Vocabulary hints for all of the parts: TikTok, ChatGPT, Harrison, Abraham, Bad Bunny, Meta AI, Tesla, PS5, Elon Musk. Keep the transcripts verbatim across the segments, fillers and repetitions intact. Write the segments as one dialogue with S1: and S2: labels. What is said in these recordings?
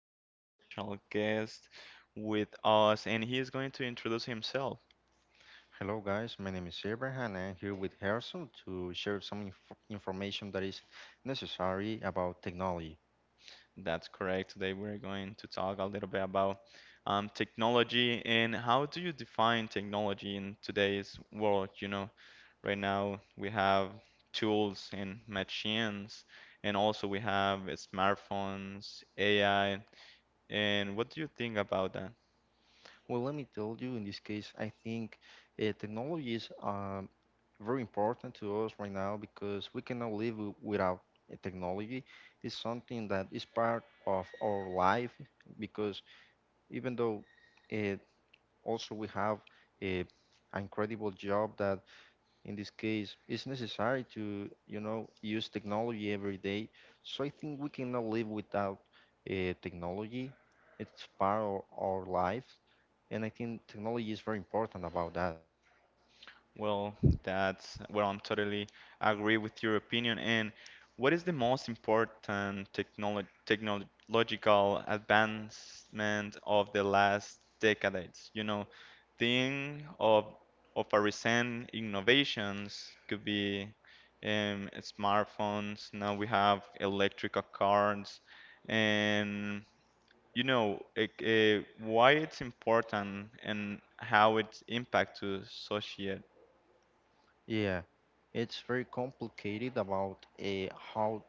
S1: have an special guest with us, and he is going to introduce himself.
S2: Hello, guys. My name is Abraham, and I'm here with Harrison to share some inf- information that is necessary about technology.
S1: That's correct. Today we're going to talk a little bit about um, technology and how do you define technology in today's world? You know, right now we have tools and machines, and also we have smartphones, A I. And what do you think about that?
S2: Well, let me tell you, in this case, I think uh, technology is um, very important to us right now because we cannot live w- without uh, technology. It's something that is part of our life because even though uh, also we have a, an incredible job that in this case it's necessary to you know use technology every day. So I think we cannot live without uh, technology. It's part of our life, and I think technology is very important about that.
S1: Well, that's well, I'm totally agree with your opinion. And what is the most important technolo technological advancement of the last decades? You know, think of of a recent innovations could be um, smartphones. Now we have electrical cars, and you know, uh, why it's important and how it impacts to society.
S2: Yeah, it's very complicated about uh, how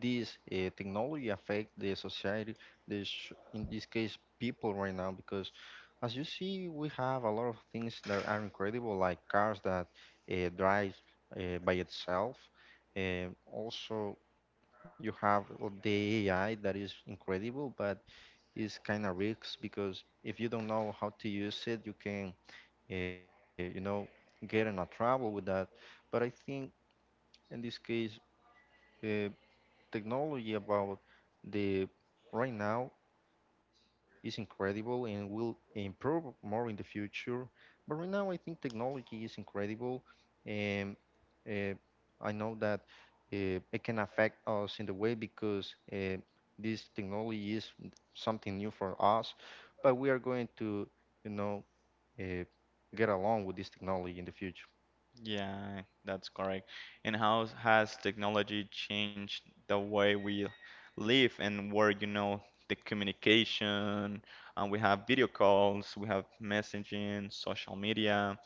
S2: this uh, technology affect the society, the sh- in this case people, right now, because as you see, we have a lot of things that are incredible, like cars that uh, drive uh, by itself, and also you have the AI that is incredible, but it's kind of risks because if you don't know how to use it, you can uh, you know get in a trouble with that. But I think in this case uh, technology about the right now is incredible, and will improve more in the future. But right now, I think technology is incredible, and uh, I know that uh, it can affect us in the way because uh, this technology is something new for us. But we are going to, you know, uh, get along with this technology in the future.
S1: Yeah, that's correct. And how has technology changed the way we live and work, you know, the communication, and we have video calls, we have messaging, social media,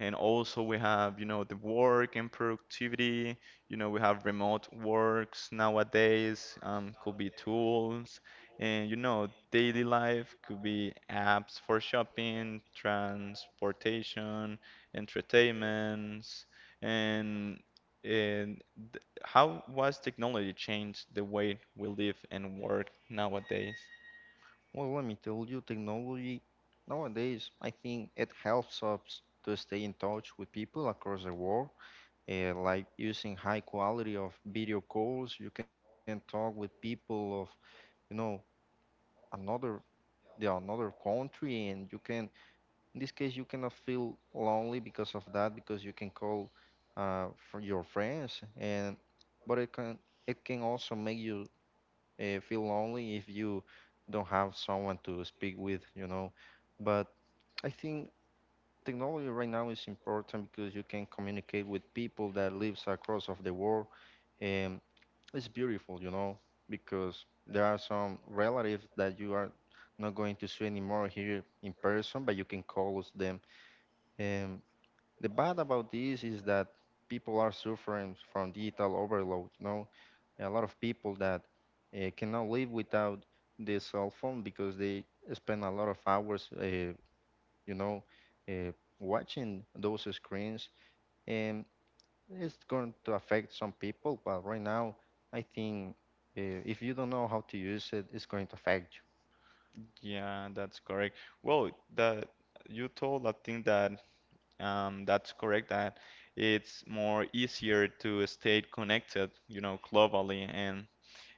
S1: and also we have, you know, the work and productivity. You know, we have remote works nowadays, um, could be tools, and you know, daily life could be apps for shopping, transportation entertainments, and and th- how was technology changed the way we live and work nowadays?
S2: Well, let me tell you, technology nowadays, I think it helps us to stay in touch with people across the world. Uh, like using high quality of video calls, you can talk with people of, you know, another the another country, and you can, in this case, you cannot feel lonely because of that, because you can call uh, for your friends, and but it can it can also make you uh, feel lonely if you don't have someone to speak with, you know. But I think technology right now is important because you can communicate with people that lives across of the world, and it's beautiful, you know, because there are some relatives that you are not going to see anymore here in person, but you can call us them. And the bad about this is that people are suffering from digital overload, you know, a lot of people that uh, cannot live without the cell phone because they spend a lot of hours. Uh, you know, uh, Watching those screens, and it's going to affect some people. But right now, I think uh, if you don't know how to use it, it's going to affect
S1: Yeah, that's correct. Well, the you told I think that um, that's correct that it's more easier to stay connected, you know, globally and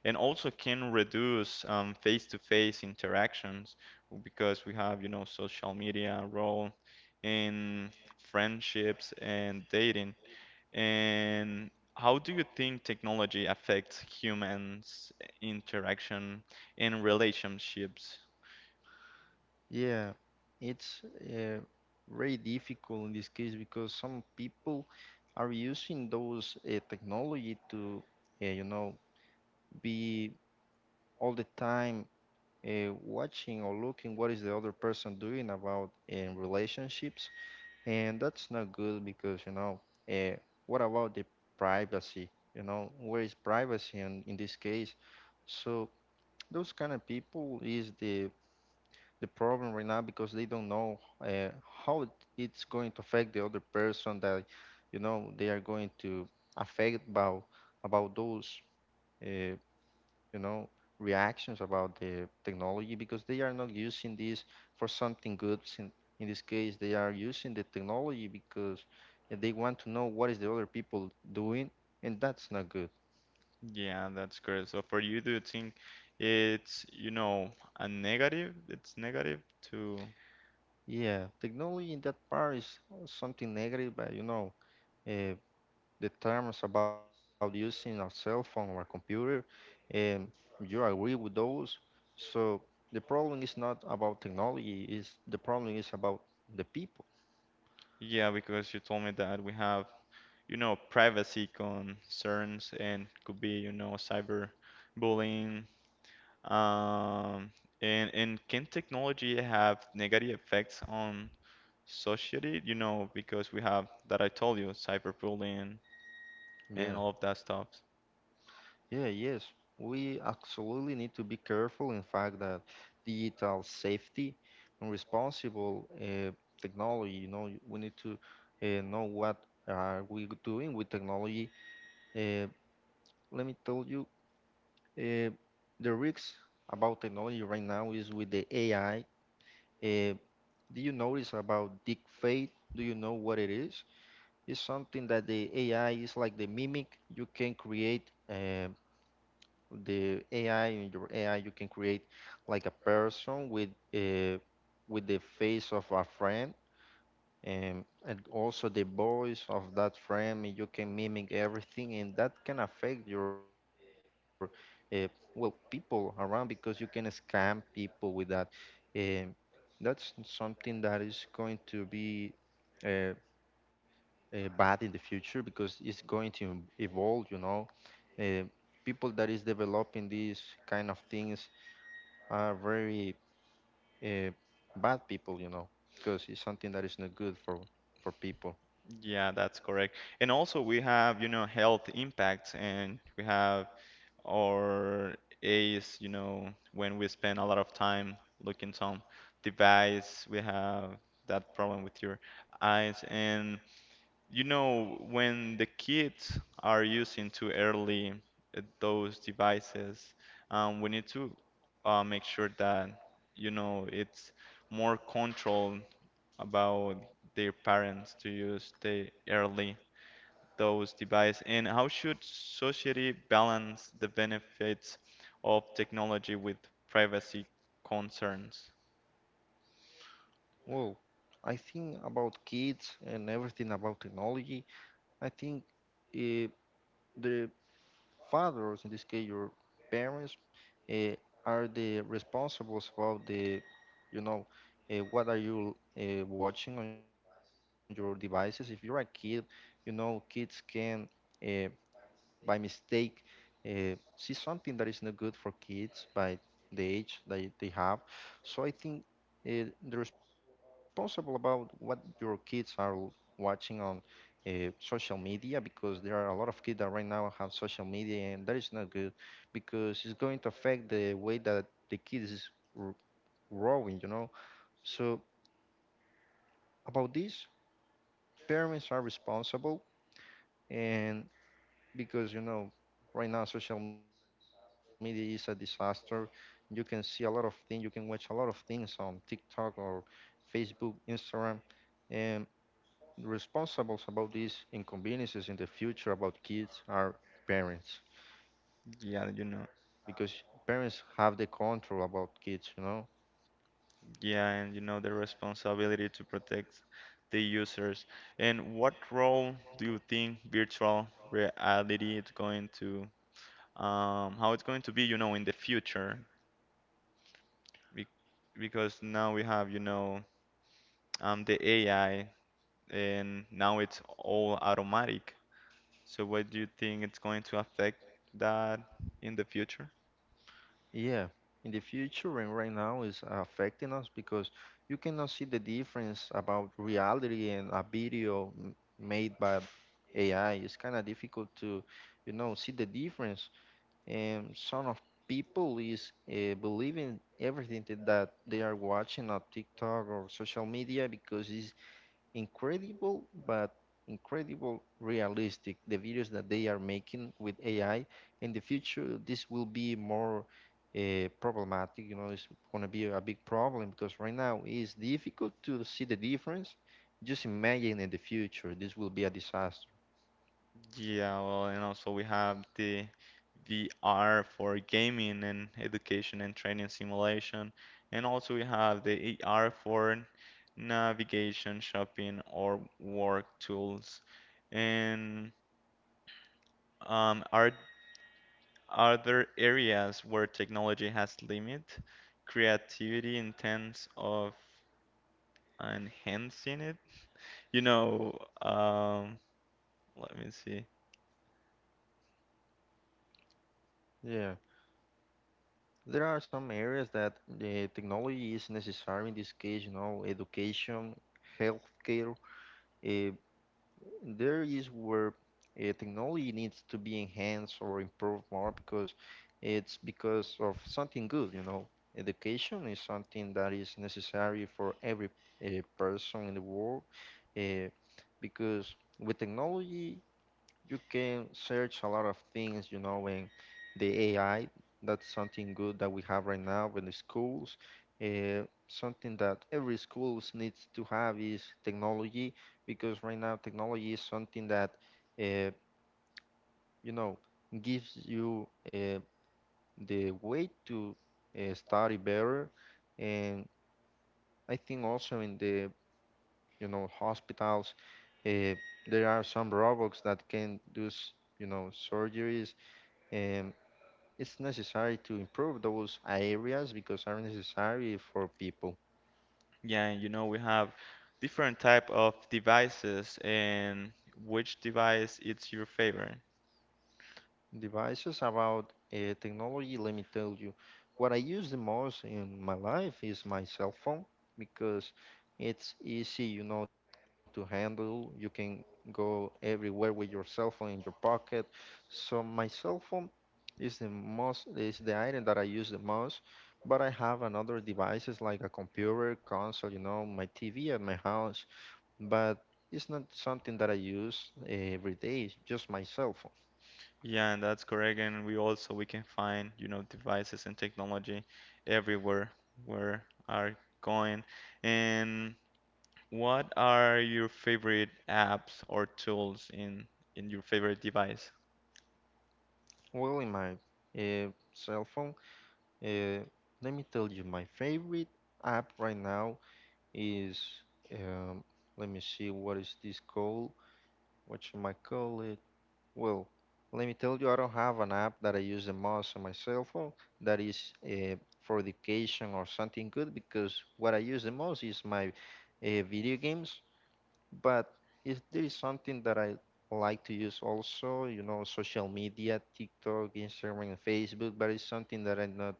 S1: and also can reduce um, face-to-face interactions because we have, you know, social media role in friendships and dating. And how do you think technology affects humans' interaction in relationships?
S2: you. Yeah, it's uh, very difficult in this case because some people are using those uh, technology to, uh, you know, be all the time uh, watching or looking what is the other person doing about in relationships, and that's not good because you know uh, what about the privacy, you know, where is privacy in, in this case. So those kind of people is the the problem right now because they don't know uh, how it's going to affect the other person, that you know they are going to affect about about those uh, you know, reactions about the technology because they are not using this for something good. sin- In this case, they are using the technology because they want to know what is the other people doing, and that's not good.
S1: Yeah, that's great. So for you, do you think it's, you know, a negative? It's negative to,
S2: Yeah, technology in that part is something negative, but you know, uh, the terms about using our cell phone or a computer, um, you agree with those. So the problem is not about technology, is the problem is about the people.
S1: yeah, because you told me that we have you know, privacy concerns and could be, you know, cyber bullying. Um, and and can technology have negative effects on society? You know, because we have that I told you, cyberbullying and
S2: Yeah.
S1: all of that stuff.
S2: Yeah, yes, we absolutely need to be careful. In fact, that digital safety and responsible uh, technology, you know, y- we need to uh, know what are we doing with technology. Uh, Let me tell you, uh, the risks about technology right now is with the A I. Uh, do you notice about deep fake? Do you know what it is? It's something that the A I is like the mimic. You can create. Uh, the A I in your A I you can create like a person with uh, with the face of a friend, and, and also the voice of that friend. You can mimic everything, and that can affect your uh, well people around, because you can scam people with that, and that's something that is going to be uh, uh, bad in the future because it's going to em- evolve, you know, uh, people that is developing these kind of things are very uh, bad people, you know, because it's something that is not good for for people.
S1: Yeah, that's correct. And also we have, you know, health impacts and we have or is, you know, when we spend a lot of time looking some device, we have that problem with your eyes. And you know, when the kids are using too early uh, those devices, um, we need to uh, make sure that, you know, it's more controlled about their parents to use the early those devices, and how should society balance the benefits of technology with privacy concerns?
S2: Well, I think about kids and everything about technology, I think uh, the fathers, in this case your parents, uh, are the responsibles about the, you know, uh, what are you uh, watching on your devices. If you're a kid, you know, kids can. Uh, by mistake uh, see something that is not good for kids by the age that they have. So I think uh, the responsible about what your kids are l- watching on uh, social media, because there are a lot of kids that right now have social media, and that is not good because it's going to affect the way that the kids is r- growing, you know. So about this, parents are responsible, and because you know right now social media is a disaster. You can see a lot of things, you can watch a lot of things on TikTok or Facebook, Instagram, and responsible about these inconveniences in the future about kids are parents,
S1: Yeah, you know,
S2: because parents have the control about kids, you know.
S1: yeah, and you know the responsibility to protect the users. And what role do you think virtual reality is going to, um, how it's going to be, you know, in the future? Be- Because now we have, you know, um, the A I, and now it's all automatic. So what do you think it's going to affect that in the future?
S2: Yeah, in the future and right now is affecting us because you cannot see the difference about reality and a video m- made by A I. It's kind of difficult to, you know, see the difference. And some of people is uh, believing everything that that they are watching on TikTok or social media, because it's incredible, but incredible realistic the videos that they are making with A I. In the future this will be more uh, problematic, you know, it's going to be a big problem because right now it's difficult to see the difference. Just imagine in the future, this will be a disaster.
S1: Yeah, well, and also we have the V R for gaming and education and training simulation, and also we have the A R for navigation, shopping, or work tools. And um, are are there areas where technology has limit creativity in terms of enhancing it? You know, um, Let me see.
S2: Yeah, there are some areas that the technology is necessary, in this case, you know, education, healthcare, uh, there is where uh, technology needs to be enhanced or improved more, because it's because of something good, you know. Education is something that is necessary for every uh, person in the world, uh, because with technology you can search a lot of things, you know, and the A I, that's something good that we have right now in the schools. Uh, something that every schools needs to have is technology, because right now technology is something that, uh, you know, gives you uh, the way to uh, study better. And I think also in the, you know, hospitals, uh, there are some robots that can do, s- you know, surgeries. Um, It's necessary to improve those areas because are necessary for people.
S1: Yeah, and you know we have different type of devices and which device it's your favorite.
S2: Devices about uh, technology, let me tell you, what I use the most in my life is my cell phone, because it's easy, you know, to handle. You can go everywhere with your cell phone in your pocket. So my cell phone is the most is the item that I use the most. But I have another devices like a computer, console, you know, my T V at my house, but it's not something that I use every day, just my cell phone.
S1: Yeah, and that's correct. And we also we can find, you know, devices and technology everywhere where are going. And what are your favorite apps or tools in in your favorite device?
S2: Well, in my uh, cell phone, uh, let me tell you, my favorite app right now is, um, let me see, what is this called? What should I call it? Well, let me tell you, I don't have an app that I use the most on my cell phone that is uh, for education or something good, because what I use the most is my uh, video games. But if there is something that I like to use, also, you know, social media, TikTok, Instagram, and Facebook, but it's something that I not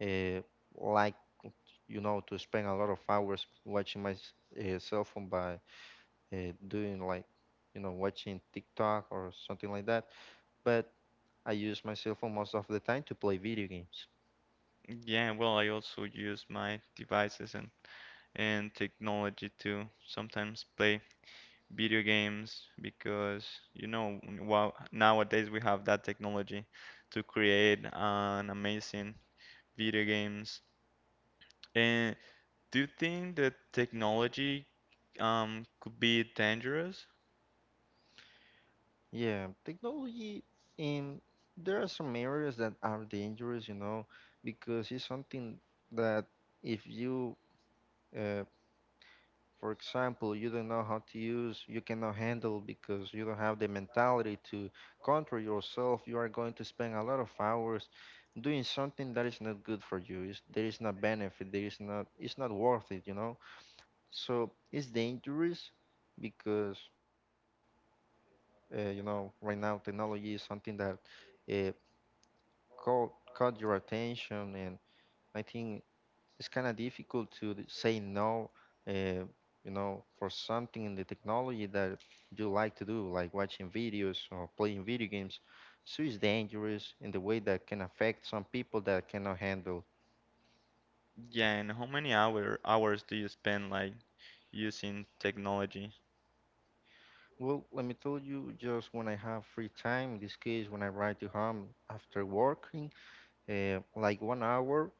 S2: uh, like, you know, to spend a lot of hours watching my s- uh, cell phone by uh, doing like, you know, watching TikTok or something like that. But I use my cell phone most of the time to play video games.
S1: Yeah, well, I also use my devices and and technology to sometimes play video games because you know wow, nowadays we have that technology to create an amazing video games. And do you think that technology um could be dangerous?
S2: Yeah, technology in there are some areas that are dangerous, you know, because it's something that if you uh, for example, you don't know how to use, you cannot handle, because you don't have the mentality to control yourself. You are going to spend a lot of hours doing something that is not good for you. It's, there is no benefit. There is not. It's not worth it, you know. So it's dangerous because uh, you know right now technology is something that uh, caught caught your attention, and I think it's kind of difficult to d- say no, uh, you know, for something in the technology that you like to do, like watching videos or playing video games. So it's dangerous in the way that can affect some people that cannot handle.
S1: Yeah, and how many hour hours do you spend like using technology?
S2: Well, let me tell you, just when I have free time, in this case, when I ride to home after working, uh, like one hour,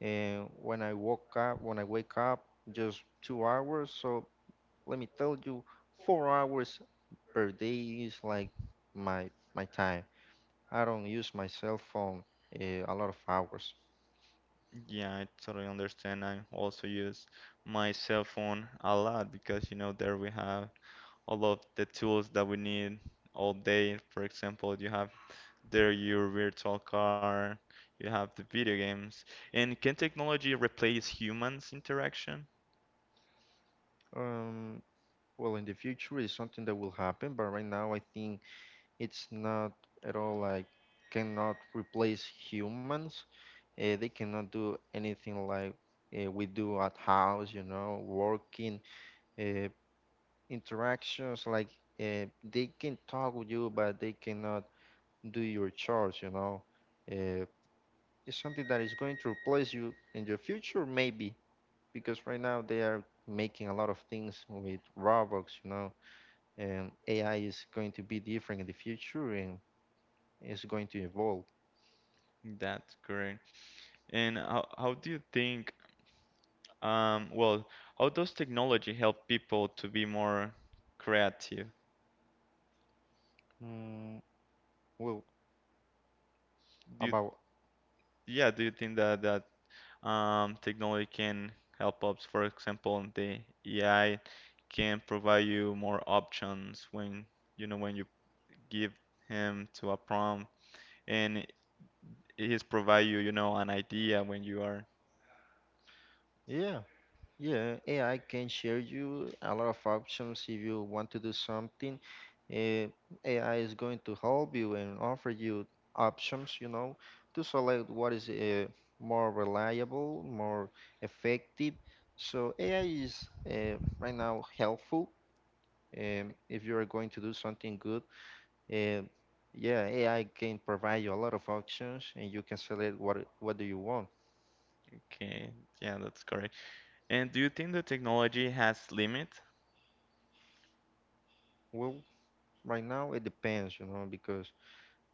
S2: and when I woke up, when I wake up, just two hours. So let me tell you, four hours per day is like my my time. I don't use my cell phone uh, a lot of hours.
S1: Yeah, I totally understand. I also use my cell phone a lot because you know there we have all of the tools that we need all day. For example, you have There your virtual car, you have the video games. And can technology replace humans interaction?
S2: Um, well, in the future is something that will happen, but right now I think it's not at all like cannot replace humans. Uh, they cannot do anything like uh, we do at house, you know, working, uh, interactions. Like uh, they can talk with you, but they cannot do your chores, you know. Uh, It's something that is going to replace you in the future, maybe, because right now they are making a lot of things with robots, you know, and A I is going to be different in the future and it's going to evolve.
S1: That's correct. And how, how do you think, um, well, how does technology help people to be more creative?
S2: Mm, well,
S1: Do you,
S2: about,
S1: yeah, do you think that that um, technology can help us, for example, the A I can provide you more options when, you know, when you give him to a prompt? And It is provide you, you know, an idea when you are.
S2: yeah, Yeah, A I can share you a lot of options if you want to do something. Uh, A I is going to help you and offer you options, you know, to select what is uh, more reliable, more effective. So A I is uh, right now helpful um, if you are going to do something good. Uh, yeah, A I can provide you a lot of options and you can select what what do you want.
S1: Okay, yeah, that's correct. And do you think the technology has limit?
S2: Well, right now it depends, you know, because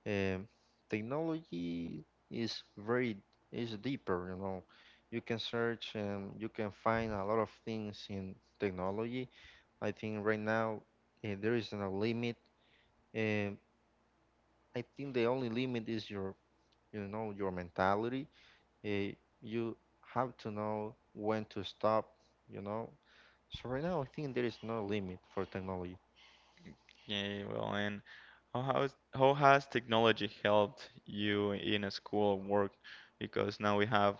S2: Um, technology is very is deeper, you know. You can search and you can find a lot of things in technology. I think right now uh, there is no limit. Um, I think the only limit is your, you know, your mentality. Uh, you have to know when to stop, you know. So right now I think there is no limit for technology.
S1: Okay, well, and how has how has technology helped you in a school work? Because now we have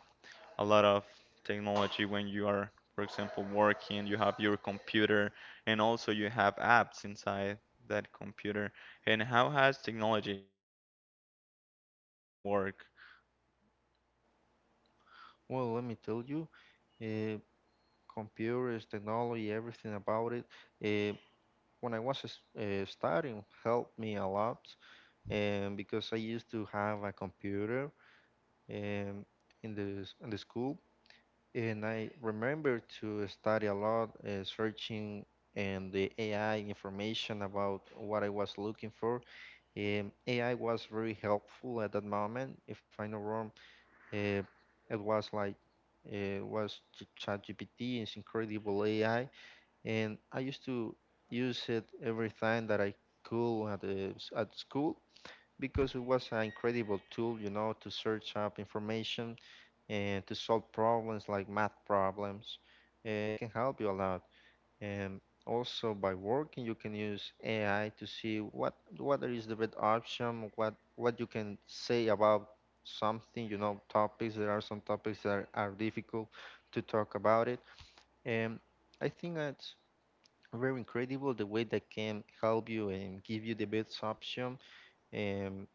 S1: a lot of technology when you are, for example, working, you have your computer, and also you have apps inside that computer. And how has technology helped you in in a school or work?
S2: Well, let me tell you, uh, computers, technology, everything about it. eh, when I was uh, studying helped me a lot, and because I used to have a computer um, in the s- in the school, and I remember to study a lot, uh, searching and the A I information about what I was looking for. Um, A I was very helpful at that moment. If I'm not wrong, uh, it was like uh, was Ch- ChatGPT. It's incredible A I and I used to use it every time that I could at, the, s- at school because it was an incredible tool, you know, to search up information and to solve problems like math problems. Uh, It can help you a lot. And also by working, you can use A I to see what what is the best option, what what you can say about something, you know, topics. There are some topics that are difficult to talk about it. And I think that very incredible the way they can help you and give you the best option, and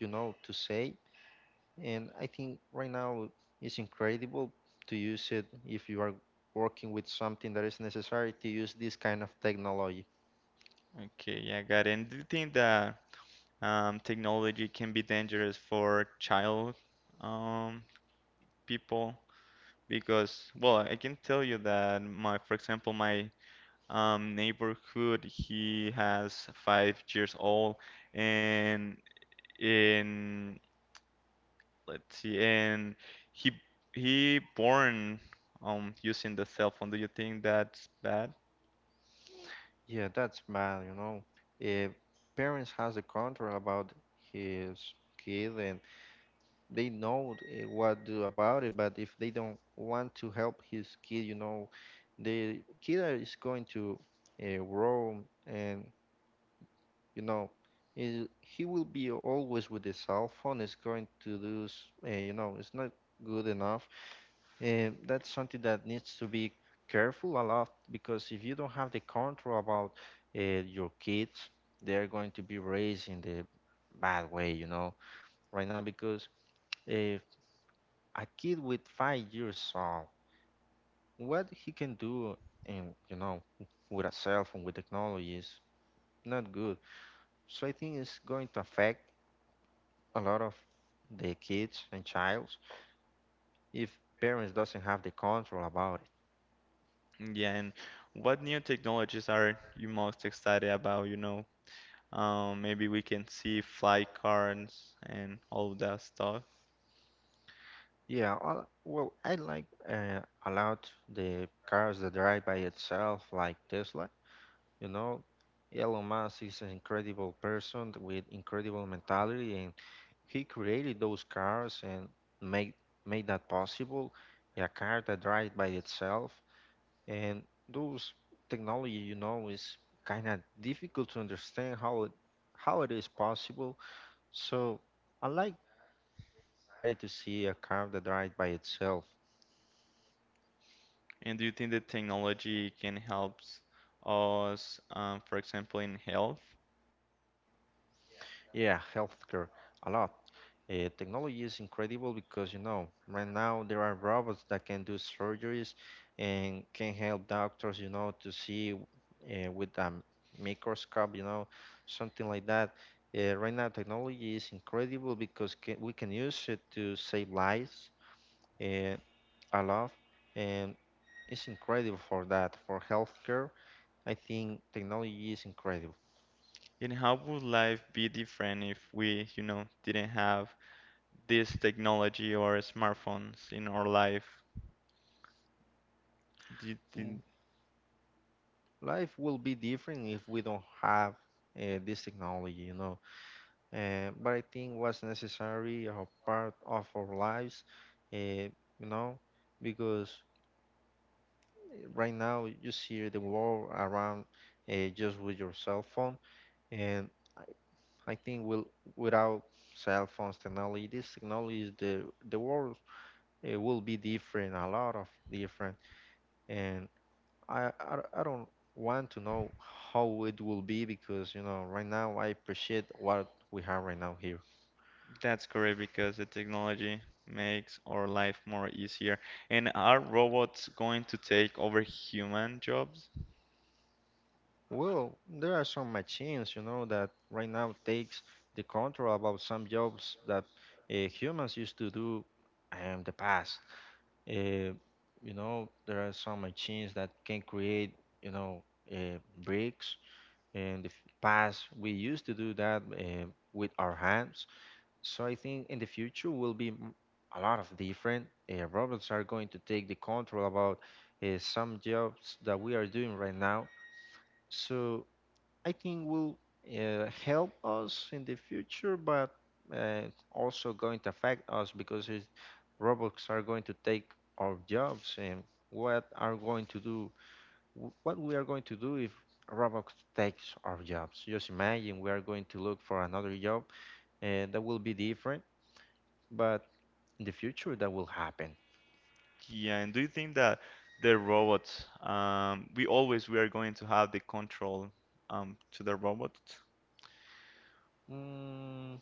S2: you know to say. And i think right now it's incredible to use it if you are working with something that is necessary to use this kind of technology.
S1: Okay, yeah, got it. And do you think that Um, technology can be dangerous for child um, people because, well, I can tell you that my, for example, my um, neighborhood, he has five years old, and in let's see, and he he born um using the cell phone. Do you think that's bad?
S2: Yeah, that's bad you know If parents has the control about his kid and they know uh, what do about it. But if they don't want to help his kid you know the kid are- is going to uh, grow, and you know is, he will be always with his cell phone, is going to do uh, you know it's not good enough. And that's something that needs to be careful a lot because if you don't have the control about uh, your kids, they are going to be raised in the bad way you know Right now, because uh, a kid with five years old, what he can do, and you know with a cell phone, with technology, is not good. So I think it's going to affect a lot of the kids and childs if parents doesn't have the control about it.
S1: Yeah, and what new technologies are you most excited about? You know? Um, maybe we can see fly cards and all of that stuff.
S2: Yeah, I- well, I like uh, a lot the cars that drive by itself, like Tesla. You know, Elon Musk is an incredible person with incredible mentality, and he created those cars and made made that possible. Yeah, A car that drives by itself, and those technology, you know, is kind of difficult to understand how it how it is possible. So I like that, and it's very excited to see a car that drives by itself.
S1: And do you think that technology can help us, um, for example, in health?
S2: Yeah, healthcare a lot. Uh, technology is incredible because you know right now there are robots that can do surgeries and can help doctors you know to see uh, with a microscope, you know something like that uh, Right now, technology is incredible because ca we can use it to save lives uh, a lot, and it's incredible for that, for healthcare. I think technology is incredible.
S1: And how would life be different if we, you know, didn't have this technology or smartphones in our life? Do you
S2: Mm,
S1: think
S2: life will be different if we don't have uh, this technology you know uh, but I think was necessary or part of our lives, uh, you know, because eh, right now you see the world around uh, just with your cell phone, and I, I think will without cell phones technology, this technology is the the world, uh, will be different, a lot of different, and I I, I don't want to know how it will be because you know right now I appreciate what we have right now here.
S1: that's correct because the technology makes our life more easier. And are robots going to take over human jobs?
S2: Well, there are some machines, you know, that right now takes the control about some jobs that uh, humans used to do in the past. Uh, you know, there are some machines that can create, you know, uh, bricks. In the f- past, we used to do that uh, with our hands. So I think in the future will be m- a lot of different, uh, robots are going to take the control about uh, some jobs that we are doing right now. So. I think will uh, help us in the future, but uh, also going to affect us because it, robots are going to take our jobs, and what are going to do what we are going to do if robots takes our jobs. Just imagine we are going to look for another job and that will be different, but in the future that will happen.
S1: Yeah, and do you think that the robots, um, we always we are going to have the control um, to the robot?
S2: Mm,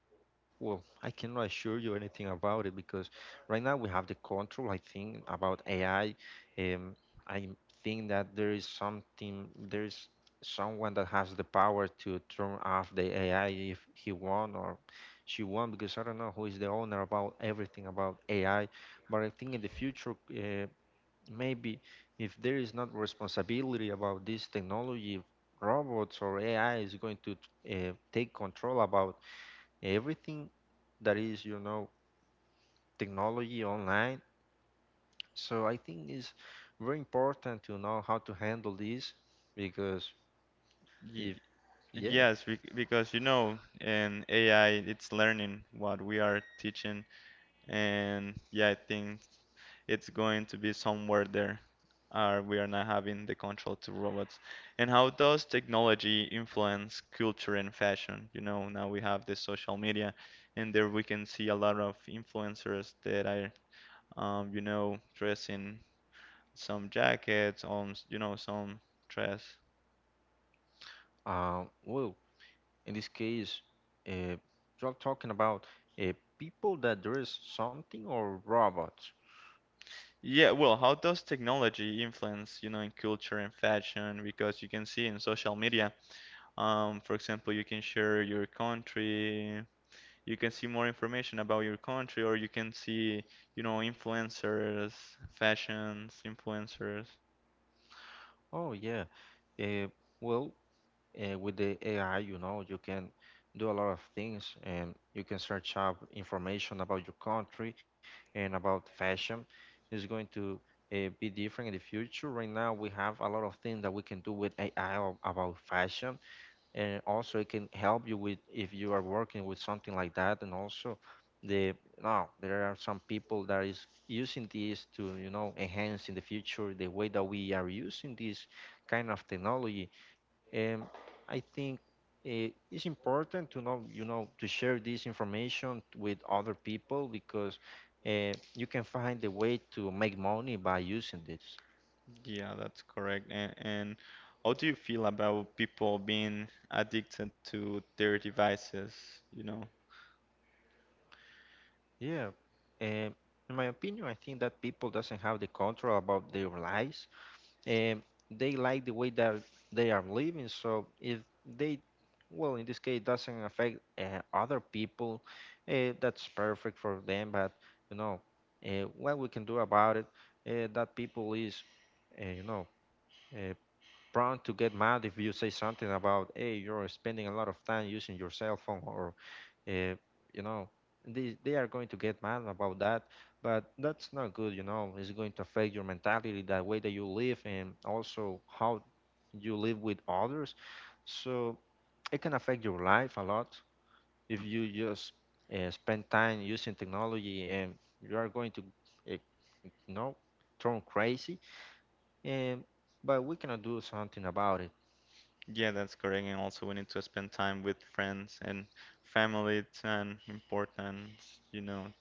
S2: Well, I cannot assure you anything about it because right now we have the control, I think, about A I. Um, I think that there is something, there is someone that has the power to turn off the A I if he won or she won, because I don't know who is the owner about everything about A I. But I think in the future, uh, maybe if there is not responsibility about this technology, robots or A I is going to uh, take control about everything that is, you know, technology online. So I think it's very important to know how to handle this because if
S1: Ye
S2: yes,
S1: yes, bec because you know, in A I, it's learning what we are teaching, and yeah, I think it's going to be somewhere there. Are we are not having the control to robots. And how does technology influence culture and fashion? You know, now we have the social media, and there we can see a lot of influencers that are. Um, you know, dressing some jackets, on, s- you know, some dress.
S2: uh, well, in this case, uh, you're talking about uh, people that there is something or robots.
S1: Yeah, well, how does technology influence, you know, in culture and fashion? Because you can see in social media, um, for example, you can share your country, you can see more information about your country, or you can see, you know, influencers, fashions, influencers.
S2: Oh yeah, uh, well. Uh, with the A I, you know, you can do a lot of things and you can search up information about your country and about fashion. It's going to uh, be different in the future. Right now, we have a lot of things that we can do with A I ab- about fashion, and also it can help you with if you are working with something like that. And also, the now there are some people that is using this to you know enhance in the future the way that we are using this kind of technology. um, I think eh, it's important to know, you know, to share this information with other people because uh, you can find a way to make money by using this.
S1: Yeah, that's correct. And, and how do you feel about people being addicted to their devices, you know?
S2: Yeah. Um, in my opinion, I think that people doesn't have the control about their lives um, they like the way that they are living. So if they, well, in this case, doesn't affect uh, other people, uh, that's perfect for them. But you know, uh, what we can do about it, uh, that people is, uh, you know, uh, prone to get mad if you say something about, hey, you're spending a lot of time using your cell phone, or uh, you know they, they are going to get mad about that. But that's not good, you know, it's going to affect your mentality, the way that you live and also how you live with others. So it can affect your life a lot if you just uh, spend time using technology and you are going to uh, you know turn crazy, and but we cannot do something about it.
S1: Yeah, that's correct. And also, we need to spend time with friends and family and important, you know,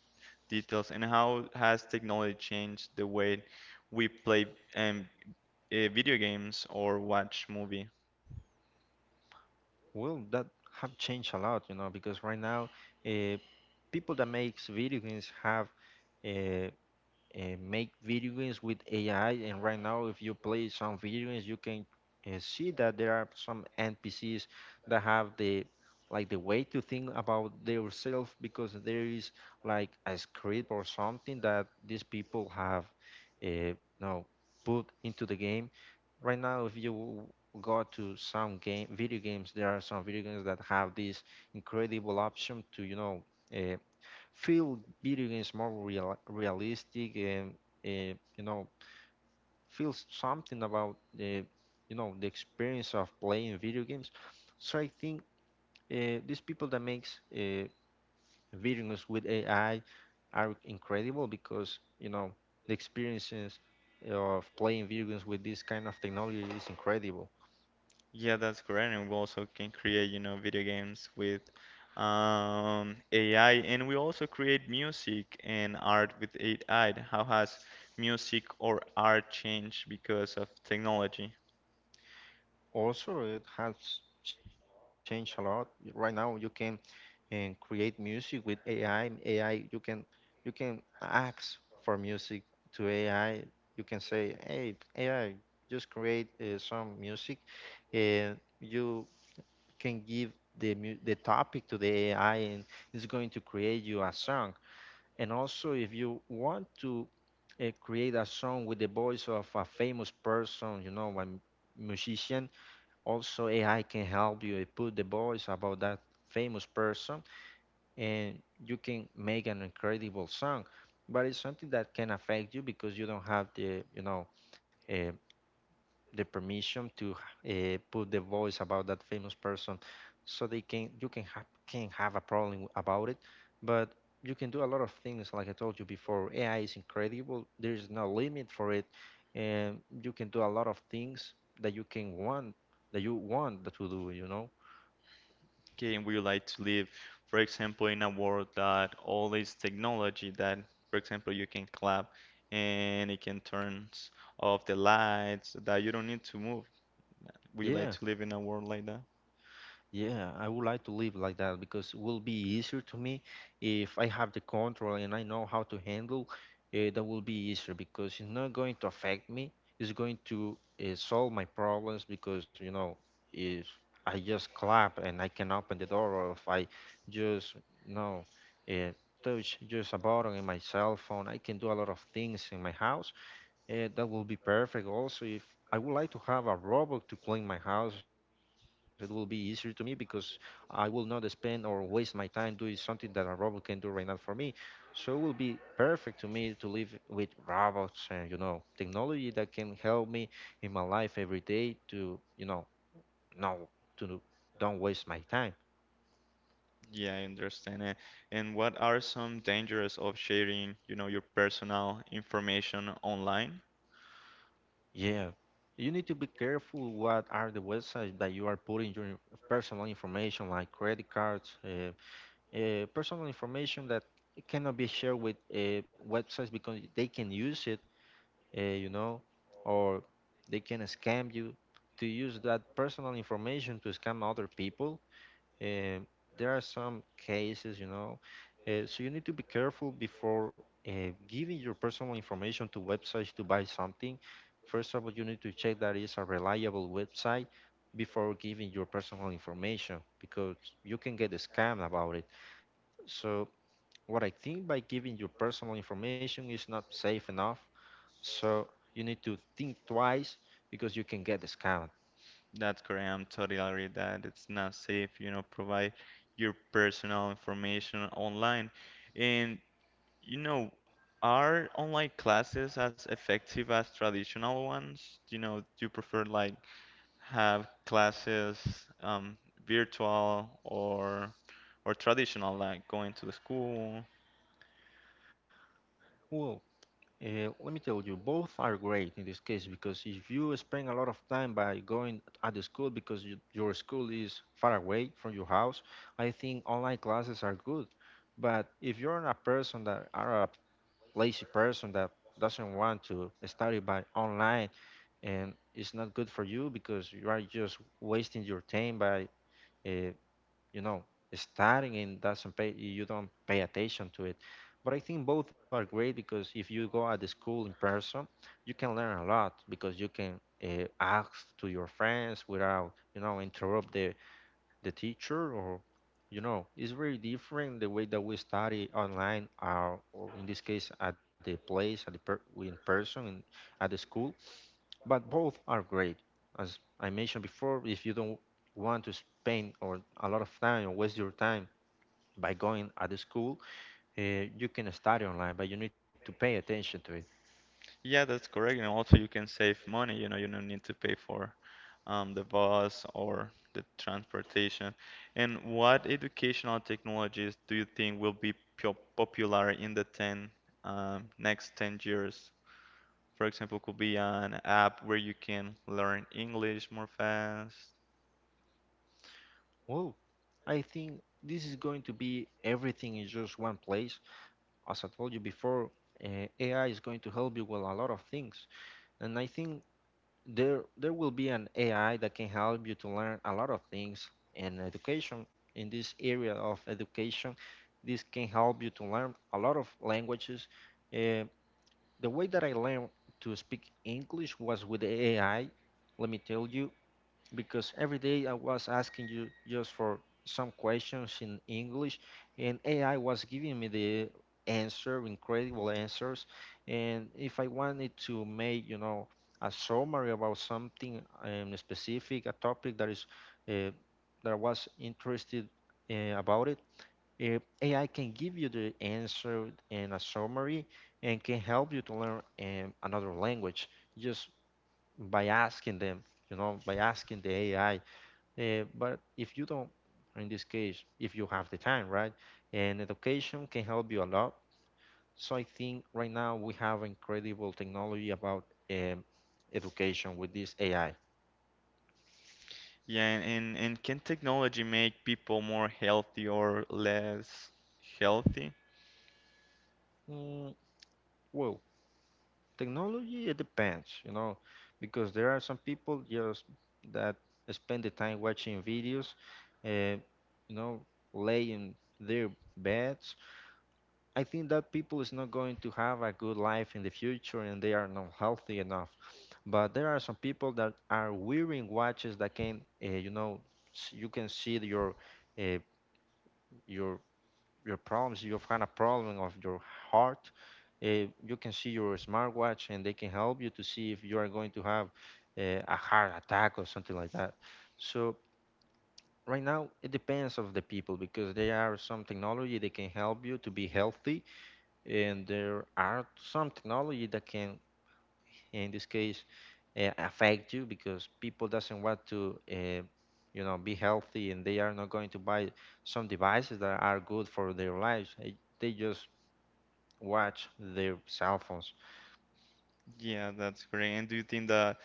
S1: details. And how has technology changed the way we play um, eh, video games or watch movie?
S2: Well, that have changed a lot, you know, because right now, uh, people that makes video games have uh, uh, make video games with A I. And right now, if you play some video games, you can uh, see that there are some N P Cs that have the like the way to think about themselves because there is like a script or something that these people have uh, now put into the game. Right now, if you go to some game video games, there are some video games that have this incredible option to you know. Uh, Feel video games more real, realistic and uh, you know feel something about uh, you know the experience of playing video games. So I think uh, these people that makes uh, video games with AI are incredible because you know the experiences of playing video games with this kind of technology is incredible.
S1: Yeah, that's correct. And we also can create, you know, video games with um, A I. And we also create music and art with A I. How has music or art changed because of technology?
S2: Also, it has changed a lot. Right now, you can and create music with A I. A I, you can you can ask for music to A I. You can say, "Hey, A I, just create uh, some music," and you can give the mu- the topic to the A I, and it's going to create you a song. And also, if you want to uh, create a song with the voice of a famous person, you know, a m- musician, also, A I can help you put the voice about that famous person, and you can make an incredible song. But it's something that can affect you because you don't have the, you know, uh, the permission to uh, put the voice about that famous person, so they can you can have can have a problem about it. But you can do a lot of things. Like I told you before, AI is incredible. There is no limit for it, and you can do a lot of things that you can want that you want to do, you know.
S1: Okay, and we would like to live, for example, in a world that all this technology that, for example, you can clap and it can turn off the lights, that you don't need to move. We like
S2: Yeah,
S1: to live in a world like that?
S2: yeah, I would like to live like that because it will be easier to me if I have the control and I know how to handle. Uh, that will be easier because it's not going to affect me. It's going to uh, solve my problems because you know if I just clap and I can open the door, or if I just you know uh, touch just a button in my cell phone, I can do a lot of things in my house. Eh, that will be perfect. Also, if I would like to have a robot to clean my house, it will be easier to me because I will not spend or waste my time doing something that a robot can do right now for me. So it will be perfect to me to live with robots and, you know, technology that can help me in my life every day to, you know, no, to do- don't waste my time.
S1: Yeah, I understand it. And what are some dangers of sharing, you know, your personal information online?
S2: Yeah. You need to be careful what are the websites that you are putting your personal information like credit cards, uh, uh, personal information that cannot be shared with uh, websites because they can use it, uh, you know, or they can scam you to use that personal information to scam other people. Uh, there are some cases, you know, uh, so you need to be careful before uh, giving your personal information to websites to buy something. First of all, you need to check that it's a reliable website before giving your personal information because you can get scammed about it. So what I think by giving your personal information is not safe enough. So you need to think twice because you can get discount.
S1: That's correct. I'm totally agree that it's not safe, you know, provide your personal information online. And You know, are online classes as effective as traditional ones? You know, do you prefer like have classes um, virtual or or traditional, like going to the school?
S2: Well, uh, let me tell you, both are great in this case because if you spend a lot of time by going at the school because you, your school is far away from your house, I think online classes are good. But if you're a person that are a lazy person that doesn't want to study by online, and it's not good for you because you are just wasting your time by uh, you know starting and doesn't pay you don't pay attention to it. But I think both are great because if you go at the school in person you can learn a lot because you can uh, ask to your friends without you know interrupt the the teacher, or you know it's very different the way that we study online or, or in this case at the place at the per- in person in, at the school, but both are great. As I mentioned before, if you don't want to spend or a lot of time or waste your time by going at the school, uh, you can study online, but you need to pay attention to it.
S1: Yeah, that's correct. You know, also you can save money. You know, you don't need to pay for um, the bus or the transportation. And what educational technologies do you think will be pop- popular in the ten um, next ten years? For example, could be an app where you can learn English more fast.
S2: Well, I think this is going to be everything in just one place. As I told you before, uh, A I is going to help you with a lot of things, and I think there there will be an A I that can help you to learn a lot of things in education. In this area of education, this can help you to learn a lot of languages. Uh, the way that I learned to speak English was with the A I. Let me tell you, because every day I was asking you just for some questions in English, and A I was giving me the answer, incredible answers. And if I wanted to make, you know, a summary about something um, specific, a topic that is uh, that I was interested uh, about it, uh, A I can give you the answer and a summary, and can help you to learn um, another language just by asking them you know, by asking the A I. Uh, but if you don't, in this case, if you have the time, right? And education can help you a lot. So I think right now we have incredible technology about um, education with this A I.
S1: Yeah, and, and, and can technology make people more healthy or less healthy?
S2: Mm, well, technology, it depends, you know, because there are some people just that spend the time watching videos, uh, you know, laying their beds. I think that people is not going to have a good life in the future and they are not healthy enough. But there are some people that are wearing watches that can, uh, you know, s- you can see the- your uh, your your problems. You've had a problem of your heart. Uh, you can see your smartwatch and they can help you to see if you are going to have uh, a heart attack or something like that. So right now it depends of the people because there are some technology that can help you to be healthy and there are some technology that can in this case uh, affect you because people doesn't want to uh, you know be healthy and they are not going to buy some devices that are good for their lives. Eh, they just watch their cell phones.
S1: Yeah, that's great. And do you think that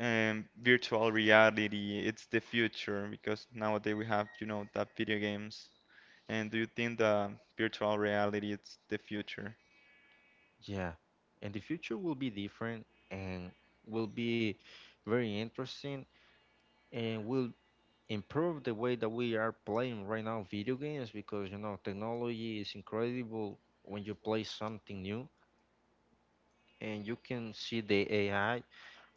S1: um, virtual reality it's the future? Because nowadays we have, you know, that video games. And do you think that virtual reality it's the future?
S2: Yeah, and the future will be different and will be very interesting and will improve the way that we are playing right now video games because you know technology is incredible when you play something new and you can see the A I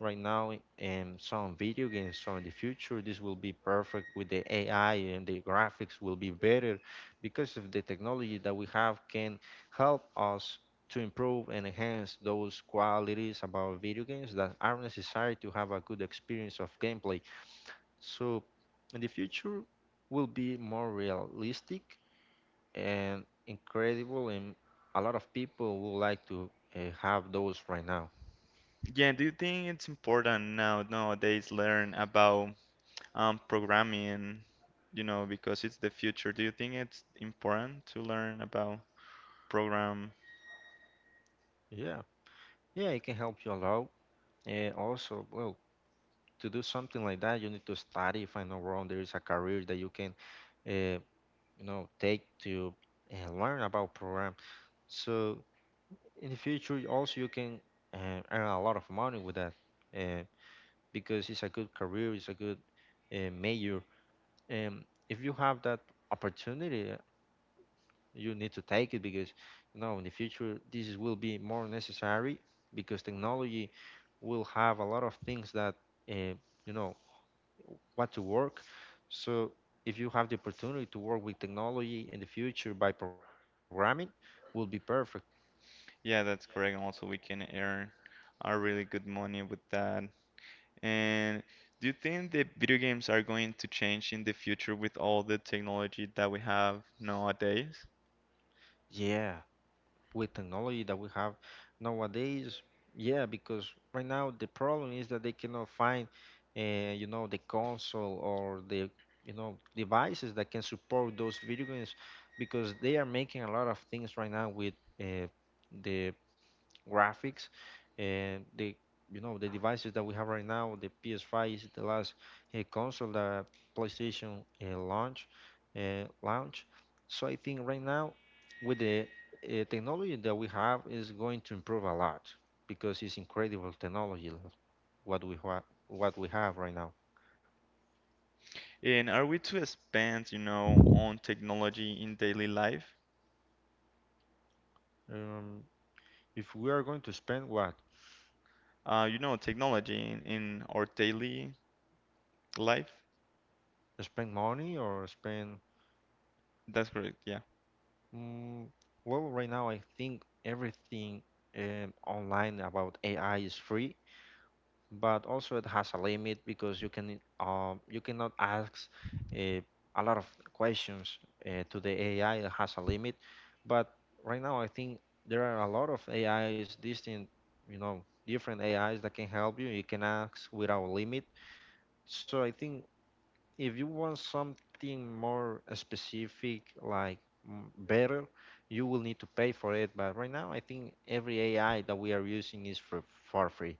S2: right now in some video games. So in the future, this will be perfect with the A I, and the graphics will be better because of the technology that we have can help us to improve and enhance those qualities about video games that are necessary to have a good experience of gameplay. So in the future will be more realistic and incredible and a lot of people would like to uh, have those right now.
S1: Yeah, and do you think it's important now nowadays learn about um, programming, you know, because it's the future. Do you think it's important to learn about program?
S2: Yeah. Yeah, it can help you a lot. And also, well, to do something like that, you need to study. If I'm not wrong, there is a career that you can, uh, you know, take to uh, learn about program. So in the future, you also you can uh, earn a lot of money with that, uh, because it's a good career, it's a good uh, major. And if you have that opportunity, you need to take it because you know in the future this is- will be more necessary because technology will have a lot of things that uh, you know what to work. So if you have the opportunity to work with technology in the future by programming will be perfect.
S1: Yeah, that's correct. Also, we can earn a really good money with that. And do you think the video games are going to change in the future with all the technology that we have nowadays?
S2: Yeah, with technology that we have nowadays. Yeah, because right now the problem is that they cannot find, uh, you know, the console or the, you know, devices that can support those video games because they are making a lot of things right now with uh, the graphics and the you know the devices that we have right now. The P S five is the last uh, console that PlayStation uh, launch uh, launch. So I think right now with the uh, technology that we have is going to improve a lot because it's incredible technology what we ha- what we have right now.
S1: And are we to spend, you know, on technology in daily life?
S2: um, if we are going to spend what
S1: Uh, you know, technology in, in our daily life?
S2: spend money or spend.
S1: That's correct. Yeah.
S2: Mm, well, right now I think everything um, online about A I is free, but also it has a limit because you can um, you cannot ask uh, a lot of questions uh, to the A I. It has a limit, but right now I think there are a lot of A Is, distinct, you know, different A Is that can help you. You can ask without limit. So I think if you want something more specific like mm, better, you will need to pay for it. But right now I think every AI that we are using is for for free.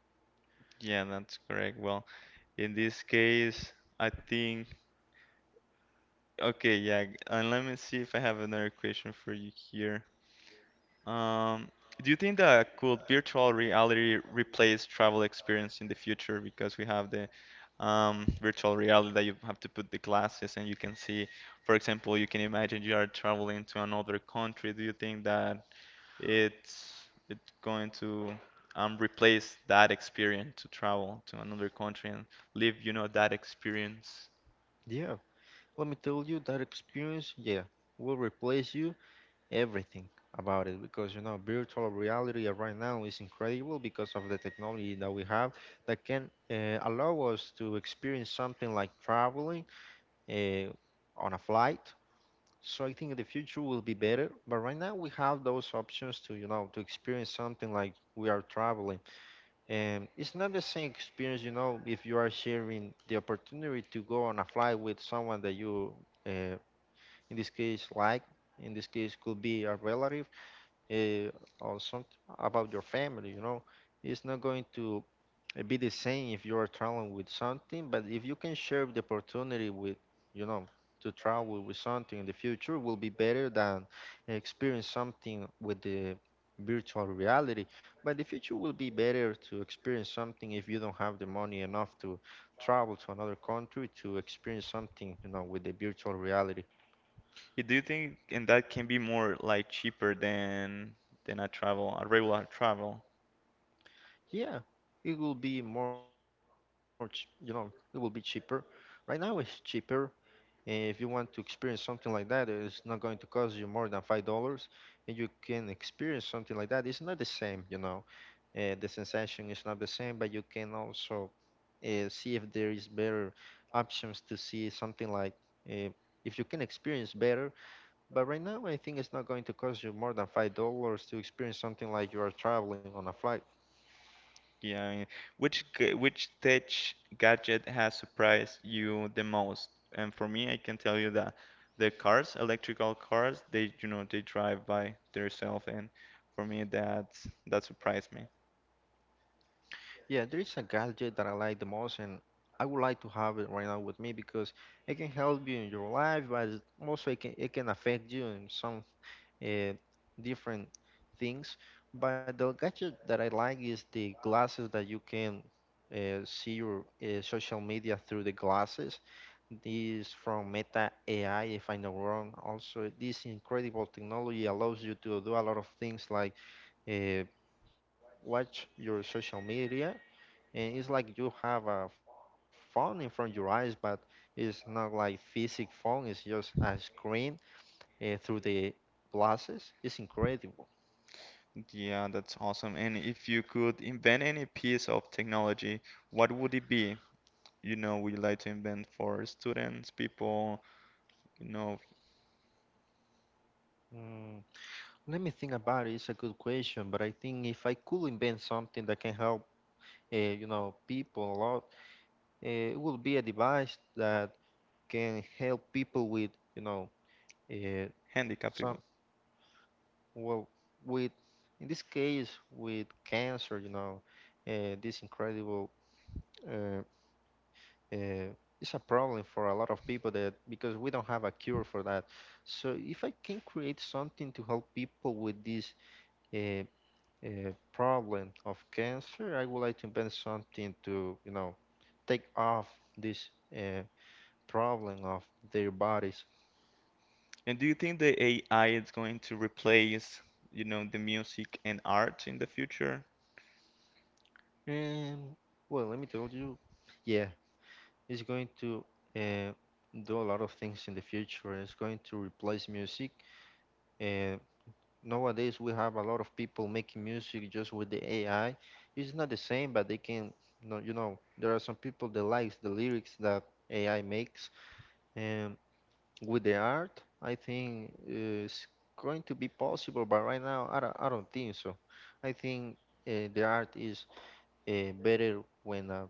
S1: Yeah, that's correct. Well, In this case, I think. Okay, yeah. And let me see if I have another question for you here. Um, do you think that could virtual reality replace travel experience in the future because we have the um, virtual reality that you have to put the glasses and you can see, for example, you can imagine you are traveling to another country. Do you think that it's it's going to um, replace that experience to travel to another country and live, you know, that experience?
S2: Yeah, let me tell you that experience. Yeah, will replace you everything about it because you know virtual reality uh, right now is incredible because of the technology that we have that can uh, allow us to experience something like traveling uh, on a flight. So I think the future will be better, but right now we have those options to, you know, to experience something like we are traveling. And it's not the same experience, you know, if you are sharing the opportunity to go on a flight with someone that you, uh, in this case, like, in this case, could be a relative, uh, or something about your family, you know. It's not going to, it'd be the same if you're traveling with something, but if you can share the opportunity with, you know, to travel with something in the future will be better than experience something with the virtual reality. But the future will be better to experience something if you don't have the money enough to travel to another country to experience something, you know, with the virtual reality.
S1: Y- Do you think and that can be more like cheaper than than a travel, a regular travel?
S2: Yeah, it will be more, ch- you know, it will be cheaper. Right now it's cheaper. And if you want to experience something like that, it's not going to cost you more than five dollars, and you can experience something like that. It's not the same, you know. Uh, the sensation is not the same, but you can also uh, see if there is better options to see something like uh, if you can experience better. But right now, I think it's not going to cost you more than five dollars to experience something like you are traveling on a flight.
S1: Yeah, I mean, which g- which tech gadget has surprised you the most? And for me, I can tell you that the cars, electrical cars, they you know they drive by themselves, and for me that that surprised me.
S2: Yeah, there is a gadget that I like the most, and I would like to have it right now with me because it can help you in your life, but it- also it can, it can affect you in some uh, different things. But the gadget that I like is the glasses that you can uh, see your uh, social media through the glasses. This from Meta A I, if I'm not wrong. Also, this incredible technology allows you to do a lot of things like uh, watch your social media and it's like you have a phone in front of your eyes, but it's not like physical phone. It's just a screen uh, through the glasses. It's incredible.
S1: Yeah, that's awesome. And if you could invent any piece of technology, what would it be? You know, would you like to invent for students, people? You know,
S2: Mm, Let me think about it. It's a good question, but I think if I could invent something that can help, uh, you know, people a lot, uh, it would be a device that can help people with, you know, uh,
S1: handicap
S2: some
S1: people.
S2: well, with in this case with cancer, you know, uh, this incredible. Uh, uh, it's a problem for a lot of people that because we don't have a cure for that. So if I can create something to help people with this uh, uh, problem of cancer, I would like to invent something to you know take off this uh, problem of their bodies.
S1: And do you think the A I is going to replace, you know, the music and art in the future?
S2: And well, let me tell you, yeah, it's going to uh, do a lot of things in the future. It's going to replace music. uh, Nowadays we have a lot of people making music just with the A I. It's not the same, but they can, you know, you know, there are some people that likes the lyrics that A I makes. And with the art, I think it's going to be possible, but right now I don't, I don't think so. I think uh, the art is uh, better when a,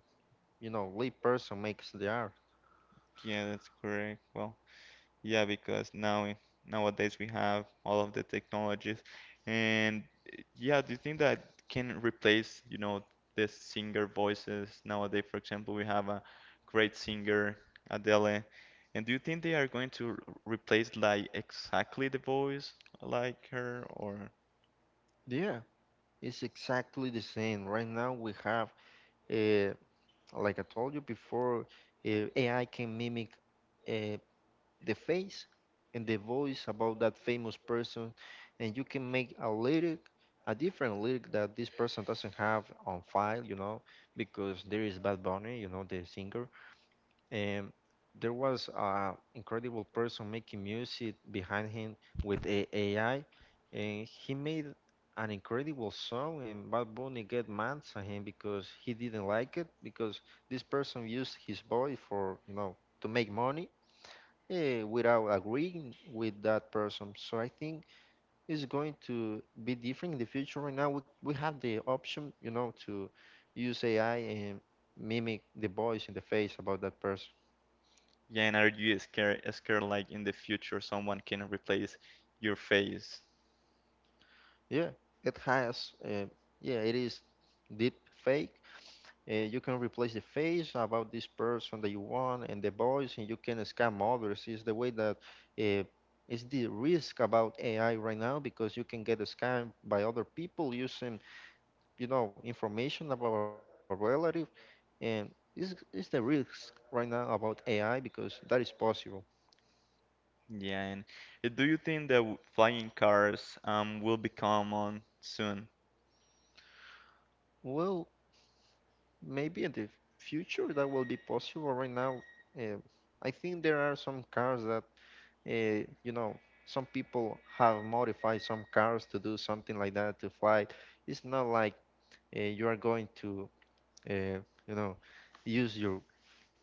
S2: you know, lay person makes the art.
S1: Yeah, that's correct. Well, yeah, because now nowadays we have all of the technologies, and eh, yeah, do you think that can replace, you know, the singer voices nowadays? For example, we have a great singer, Adele, and do you think they are going to r- replace like exactly the voice like her, or
S2: Yeah, it's exactly the same. Right now we have uh, like I told you before, uh, A I can mimic uh, the face and the voice about that famous person, and you can make a lyric, a different lyric that this person doesn't have on file, you know, because there is Bad Bunny, you know, the singer, and there was an incredible person making music behind him with a AI, and he made an incredible song, and Bad Bunny get mad at him because he didn't like it because this person used his body for you know to make money. Eh, without agreeing with that person, so I think it's going to be different in the future. Right now, we, we have the option, you know, to use A I and mimic the voice and the face about that person.
S1: Yeah, and are you scared scared like in the future someone can replace your face?
S2: Yeah, it has. Uh, yeah, it is deep fake. Uh, you can replace the face about this person that you want and the voice, and you can scam others. Is the way that uh, is the risk about A I right now because you can get scammed by other people using, you know, information about a relative, and is is the risk right now about A I because that is possible.
S1: Yeah, and uh, do you think that w- flying cars um will be common soon?
S2: Well, maybe in the future that will be possible. Right now, uh, I think there are some cars that, uh, you know, some people have modified some cars to do something like that to fly. It's not like uh, you are going to, uh, you know, use your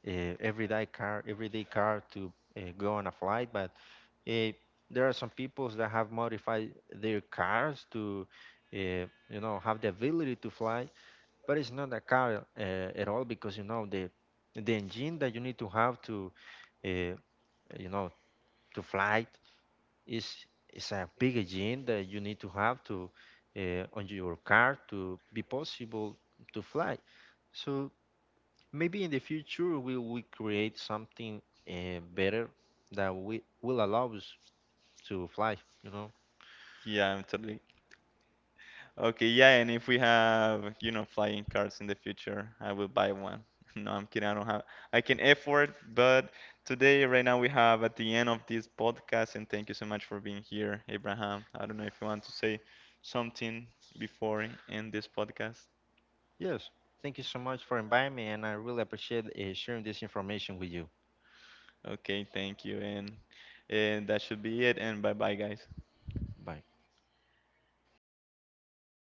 S2: uh, everyday car, everyday car to uh, go on a flight. But uh, there are some peoples that have modified their cars to, uh, you know, have the ability to fly. But it's not a car uh, at all because you know the the engine that you need to have to uh, you know to fly it, is is a big engine that you need to have to uh, on your car to be possible to fly. So maybe in the future we will create something uh, better that we will allow us to fly. You know.
S1: Yeah, I'm totally. Okay, yeah, and if we have, you know, flying cars in the future, I will buy one. No, I'm kidding. I don't have, I can afford, but today, right now, we have at the end of this podcast, and thank you so much for being here, Abraham. I don't know if you want to say something before I end this podcast.
S2: Yes. Thank you so much for inviting me, and I really appreciate uh, sharing this information with you.
S1: Okay, thank you. And and that should be it. And bye bye, guys.
S2: Bye.